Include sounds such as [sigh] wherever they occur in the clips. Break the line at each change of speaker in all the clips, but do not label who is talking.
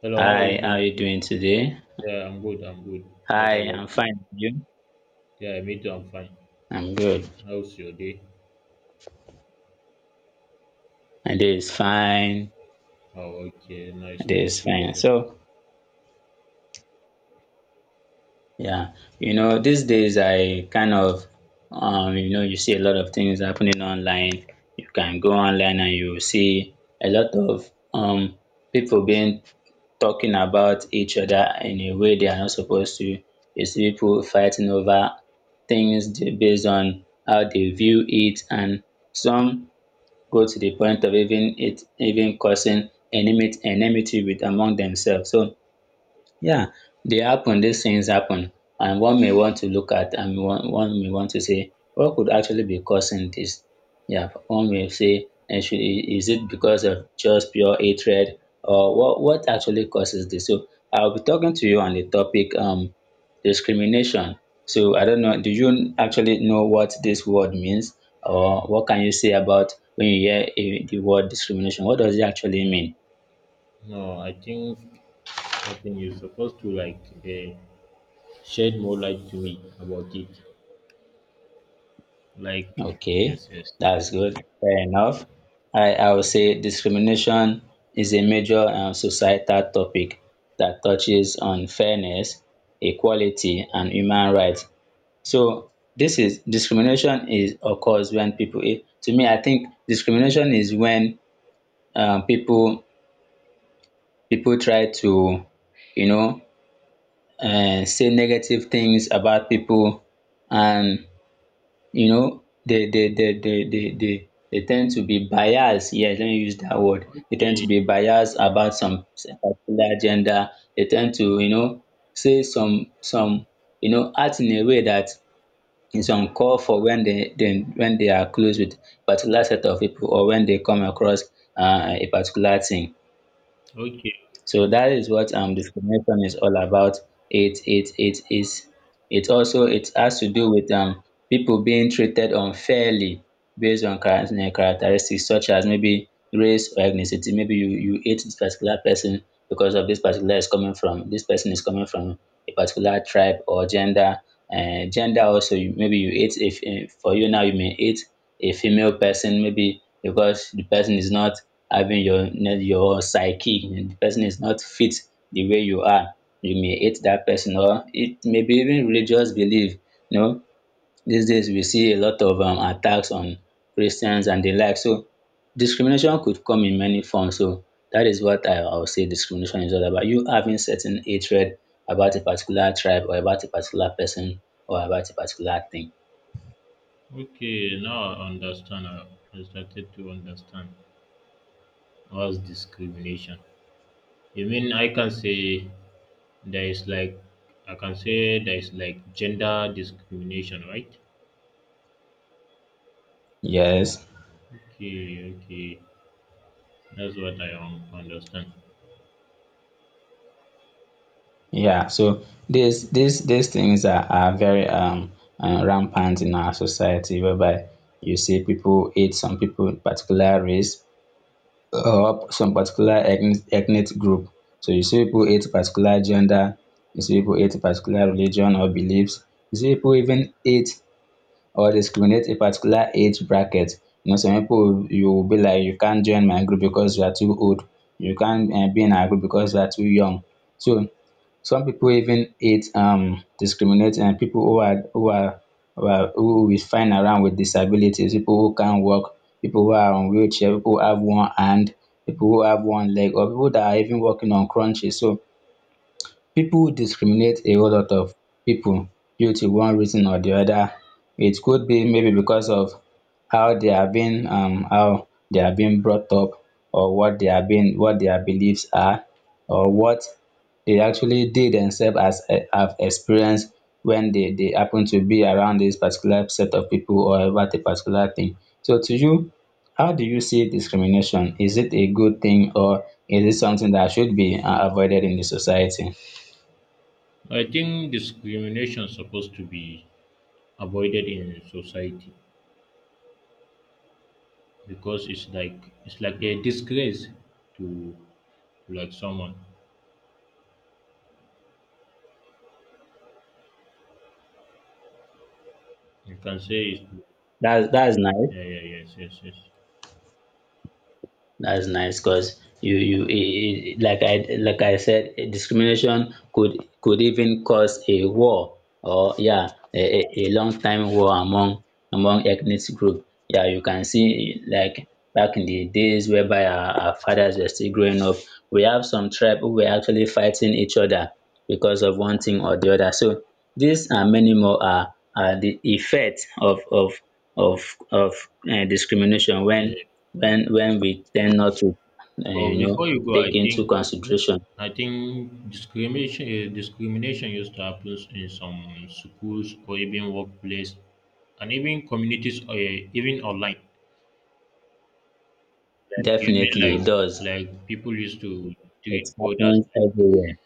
Hello, how are you
Hi, how are
doing?
you doing today?
Yeah, I'm good. I'm good. What
Hi,
about
I'm
you?
fine. You?
Yeah, me too. I'm fine.
I'm good.
How's your day?
My day is fine.
Oh, okay.
My
Nice,
day
nice
is
to hear
fine.
that.
So, yeah, these days you see a lot of things happening online. You can go online and you see a lot of people being talking about each other in a way they are not supposed to. You see people fighting over things based on how they view it, and some go to the point of even causing enmity with among themselves. So yeah, they happen, these things happen. And one may want to say, what could actually be causing this? Yeah, one may say, actually, is it because of just pure hatred, or what actually causes this? So I'll be talking to you on the topic discrimination. So I don't know, do you actually know what this word means? Or what can you say about when you hear the word discrimination? What does it actually mean?
No, I think you're supposed to shed more light to me about it. Like,
Okay,
yes, yes.
that's good. Fair enough. I would say discrimination is a major societal topic that touches on fairness, equality, and human rights. So this is discrimination is occurs when people. Eh, to me, I think discrimination is when um, people people try to, you know, say negative things about people, and they tend to be biased. Yes, let me use that word. They tend to
Okay,
be biased about some particular gender. They tend to, say act in a way that is uncalled for, when they are close with particular set of people, or when they come across a particular thing.
okay,
So that is what discrimination is all about. It is it also It has to do with people being treated unfairly, based on characteristics such as maybe race or ethnicity. Maybe you hate this particular person because of this particular is coming from this person is coming from a particular tribe or gender. Gender also, you, maybe you hate if eh, for you now, you may hate a female person, maybe because the person is not having your psyche, and the person is not fit the way you are, you may hate that person, or it may be even religious belief. you know these days we see a lot of attacks on Christians and the like. So discrimination could come in many forms. So that is what I would say discrimination is all about, you having certain hatred about a particular tribe, or about a particular person, or about a particular thing.
okay. Now I understand. I started to understand what's discrimination. You mean I can say there is like I can say there is like gender discrimination, right?
Yes.
Okay, okay. That's what I un- understand.
Yeah, so these things are very rampant in our society, whereby you see people hate some people in particular race, or some particular ethnic group. So you see people hate particular gender, you see people hate particular religion or beliefs. You see people even hate or discriminate a particular age bracket. Some people, you will be like, you can't join my group because you are too old. You can't be in our group because you are too young. So some people even hate discriminate pipo who we find around with disabilities. People who can't walk. People who are on wheelchair. People who have one hand. People who have one leg, or people that are even walking on crutches. So people discriminate a whole lot of people, due to one reason or the other. It could be maybe because of how they are being brought up, or what their beliefs are, or what they actually did themselves have experienced when they happen to be around this particular set of people, or about a particular thing. So to you, how do you see discrimination? Is it a good thing, or is it something that should be avoided in the society?
I think discrimination is supposed to be avoided in society because it's like a disgrace to like someone. You can say it's
That's nice.
yeah, yeah, yes, yes, yes.
That's nice because you like I said, discrimination could even cause a war, or yeah, a long time war among ethnic group. Yeah, you can see like back in the days whereby our fathers were still growing up, we have some tribe who were actually fighting each other because of one thing or the other. So these and many more are the effects of discrimination,
Yeah.
when we tend not to, um,
But
you know
before you go, I
take into
think
consideration.
I think discrimination discrimination used to happen in some schools or even workplace and even communities, or even online. Like you mean
Definitely,
like
it does.
like people used to treat
It
others
happens
like
everywhere.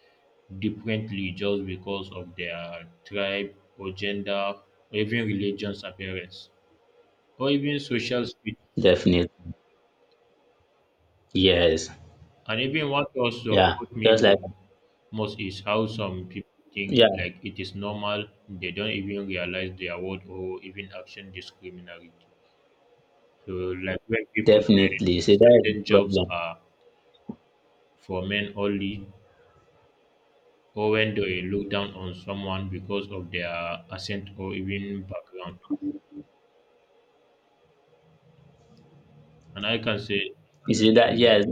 differently just because of their tribe or gender or even religion's appearance or even social speech.
Definitely. Yes.
And even what also
Yeah,
hurt me
just like,
more most is how some people think
yeah,
like it is normal. They don't even realize their word or even action discriminatory. So like when people say
definitely. See, that is the
certain jobs
problem.
are for men only, or when they look down on someone because of their accent or even background. And I can say,
You see that?
you know,
Yes.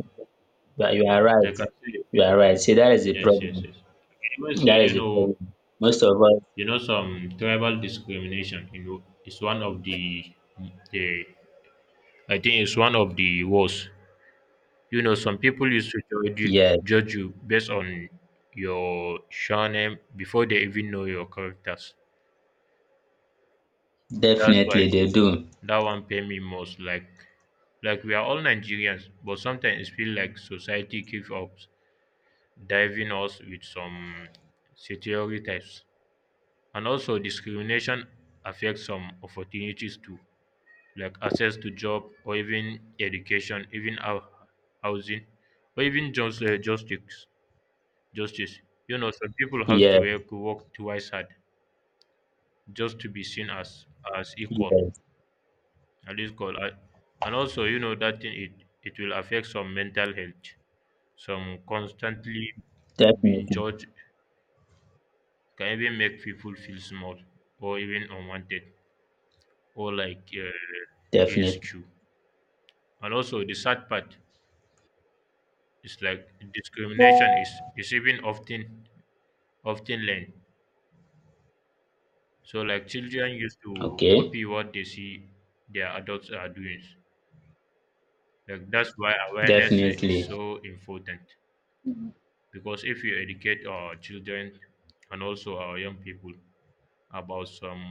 You are
I
right.
can say,
You are right. See, that is the
yes,
problem.
yes, yes. I can even say,
That is the problem. Most of us.
some tribal discrimination, is one of the, I think it's one of the worst. You know, some people used to
Yes.
judge you based on your surname before they even know your characters. That's
Definitely,
why
they do.
That one pain me most. Like we are all Nigerians, but sometimes it feels like society keeps up diving us with some stereotypes. And also, discrimination affects some opportunities too, like access to job or even education, even our housing, or even just justice. Justice. You know, some people have
Yeah,
to work twice hard just to be seen as equal.
yes.
At least call I, and also you know that thing, it will affect some mental health, some constantly being
Definitely.
judged, can even make people feel small or even unwanted or like
Definitely.
insecure. And also the sad part is like discrimination is even often learned. So like children used to
Okay.
copy what they see their adults are doing. Like, that's why awareness is
Definitely.
so important, because if you educate our children and also our young people about some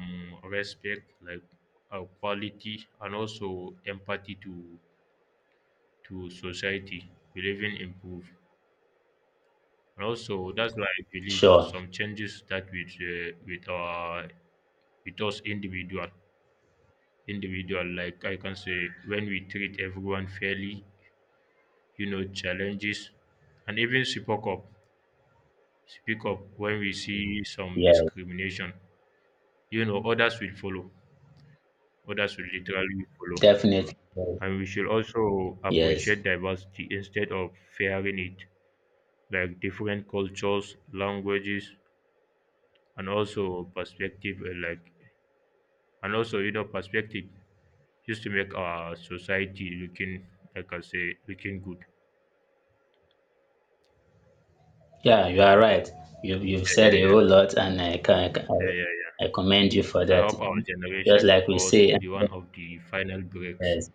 respect, like quality and also empathy to society, we live in improve. And also that's why I believe
Sure.
some changes, that with our with us individual. Like I can say, when we treat everyone fairly, you know, challenges, and even speak up when we see some
Yes.
discrimination, you know, others will follow. Others will literally follow.
Definitely.
And we should also
Yes.
appreciate diversity instead of fearing it, like different cultures, languages, and also perspective, like, and also, you know, perspective, just to make our society looking, like I say, looking good.
Yeah, you are right. You've said
Yeah,
a
yeah, yeah.
whole lot, and
Yeah, yeah, yeah.
I commend you for
I
that.
hope our
Just
generation,
like we
because
say,
the one
[laughs]
of the final breaks,
yes.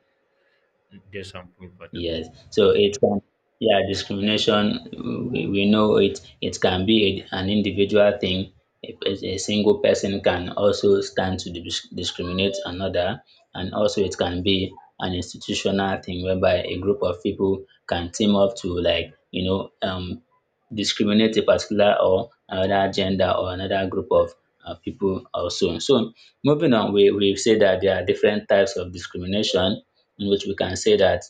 there's something better.
Yes, so it can yeah, discrimination, we know it can be an individual thing. A single person can also stand to discriminate another, and also it can be an institutional thing, whereby a group of people can team up to, like, discriminate a particular, or another gender, or another group of people also. So moving on, we say that there are different types of discrimination, in which we can say that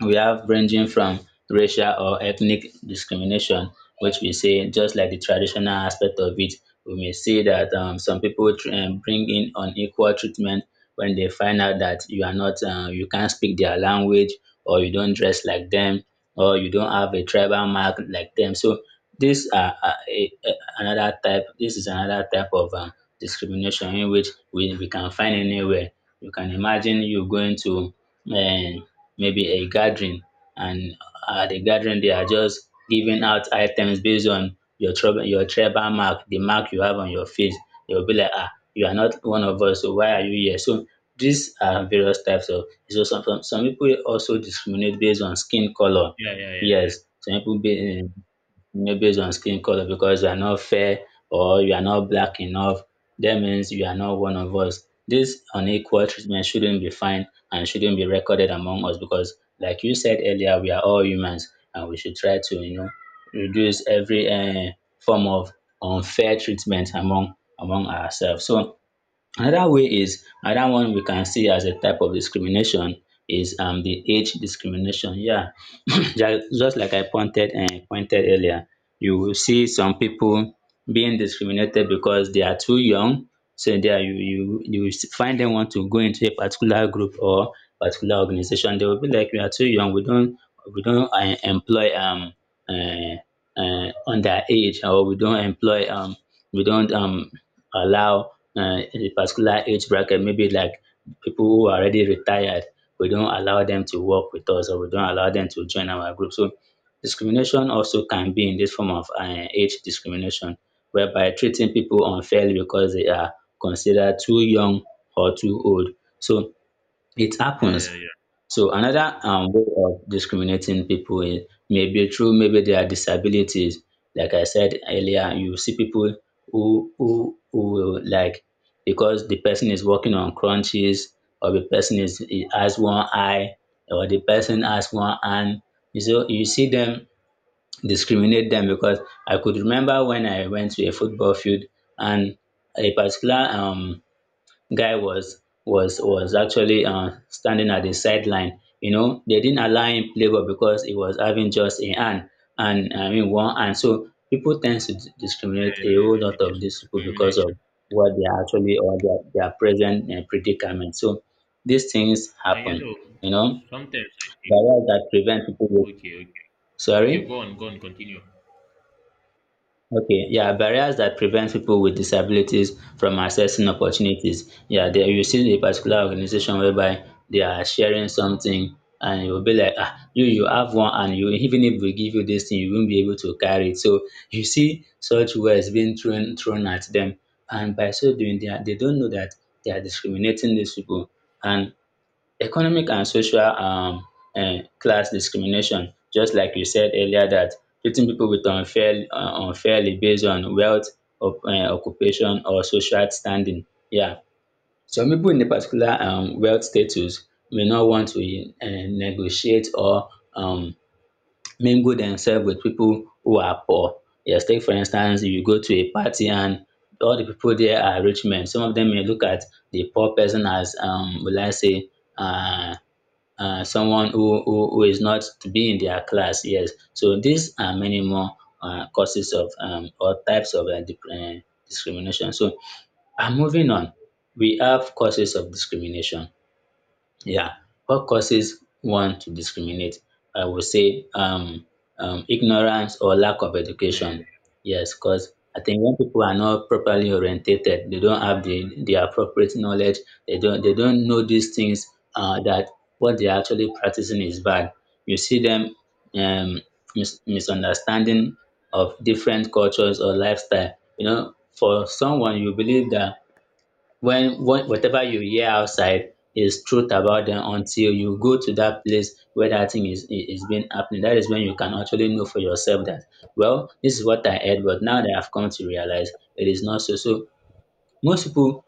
we have, ranging from racial or ethnic discrimination, which we say, just like the traditional aspect of it, we may see that some people bring in unequal treatment when they find out that you are not, you can't speak their language, or you don't dress like them, or you don't have a tribal mark like them. So this are another type. This is another type of discrimination, in which we can find anywhere. You can imagine you going to, um, maybe a gathering, and at the gathering they are just giving out items based on your tribal mark, the mark you have on your face. They will be like, ah, you are not one of us, so why are you here? So these are various types of. So some people also discriminate based on skin color.
Yeah, yeah, yeah,
Yes, some people, be no, based on skin color, because you are not fair, or you are not black enough, that means you are not one of us. This unequal treatment shouldn't be fine, and shouldn't be recorded among us, because, like you said earlier, we are all humans, and we should try to, reduce every form of unfair treatment among ourselves. So another way, is another one we can see as a type of discrimination, is the age discrimination. Yeah, [coughs] [clears throat] just like I pointed earlier, you will see some people being discriminated because they are too young. So there you will find them want to go into a particular group or particular organization. They will be like, we are too young. We don't employ uh, underage, or we don't allow, in a particular age bracket, maybe like people who are already retired, we don't allow them to work with us, or we don't allow them to join our group. So discrimination also can be in this form of age discrimination, whereby treating people unfairly because they are considered too young, or too old. So it
yeah, yeah, yeah,
happens.
yeah, yeah,
So another, way of discriminating people, is maybe through, maybe their disabilities. Like I said earlier, you see people who will, like, because the person is working on crunches, or the person is he has one eye, or the person has one hand. You see them discriminate them because I could remember when I went to a football field, and a particular guy was actually standing at the sideline. They didn't allow him play ball because he was having just a hand, and I mean one hand. So people tend to discriminate
yeah.
a whole
Yeah.
lot
It
of
is
these people, because
discrimination.
of what they are actually, or their present predicament. So these things
Now you
happen,
know,
you know.
sometimes I think,
Barriers that prevent people.
okay, okay, okay,
Sorry.
go on, go on, continue.
Okay, yeah, barriers that prevent people with disabilities from accessing opportunities. Yeah, there you see a particular organization whereby they are sharing something, and it will be like, ah, you have one, and you even if we give you this thing, you won't be able to carry it. So you see such words being thrown at them. And by so doing, they don't know that they are discriminating these people. And economic and social, class discrimination, just like you said earlier, that treating people with unfairly based on wealth, occupation, or social standing, yeah. Some people in a particular wealth status may not want to negotiate, or um mingle themselves with people who are poor. Yes, take for instance, you go to a party, and all the people there are rich men. Some of them may look at the poor person as, will I say, uh someone who is not to be in their class, yes. So these are many more causes of, or types of, discrimination. So, moving on, we have causes of discrimination. Yeah. What causes one to discriminate? I would say, ignorance or lack of
Yeah, yeah.
education. Yes, because I think when people are not properly orientated, they don't have the appropriate knowledge. They don't know these things, that what they're actually practicing is bad. You see them, um, misunderstanding of different cultures or lifestyle. For someone, you believe that when what whatever you hear outside is truth about them, until you go to that place where that thing is is being happening. That is when you can actually know for yourself that, well, this is what I heard, but now that I've come to realize, it is not so. So most people,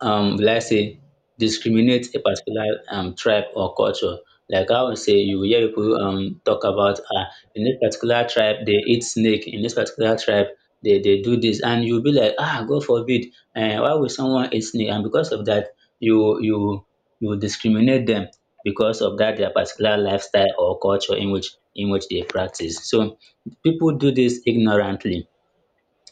will I say, discriminate a particular tribe or culture. Like how we say, you will hear people talk about, ah, in this particular tribe they eat snake, in this particular tribe they do this, and you'll be like, ah, God forbid, why will someone eat snake? And because of that, you you you discriminate them, because of that, their particular lifestyle or culture in which they practice. So people do this ignorantly.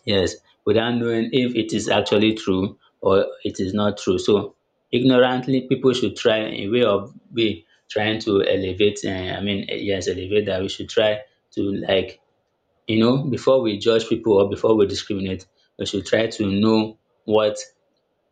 Yes, without knowing if it is actually true or it is not true. So ignorantly, people should try a way of be trying to elevate. I mean, yes, elevate, that we should try to, like, before we judge people, or before we discriminate, we should try to know what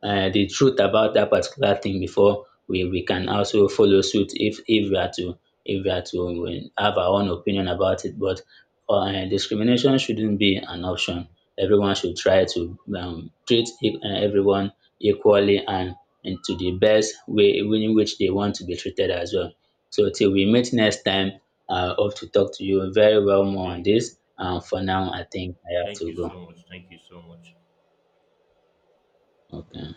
the truth about that particular thing, before we can also follow suit, if we are to have our own opinion about it. But, discrimination shouldn't be an option. Everyone should try to treat everyone equally, and to the best way in which they want to be treated as well. So till we meet next time, I hope to talk to you very well more
Very
on
good.
this. And for now, I think I have
Thank
to
you
go.
so much. Thank you so much.
Okay.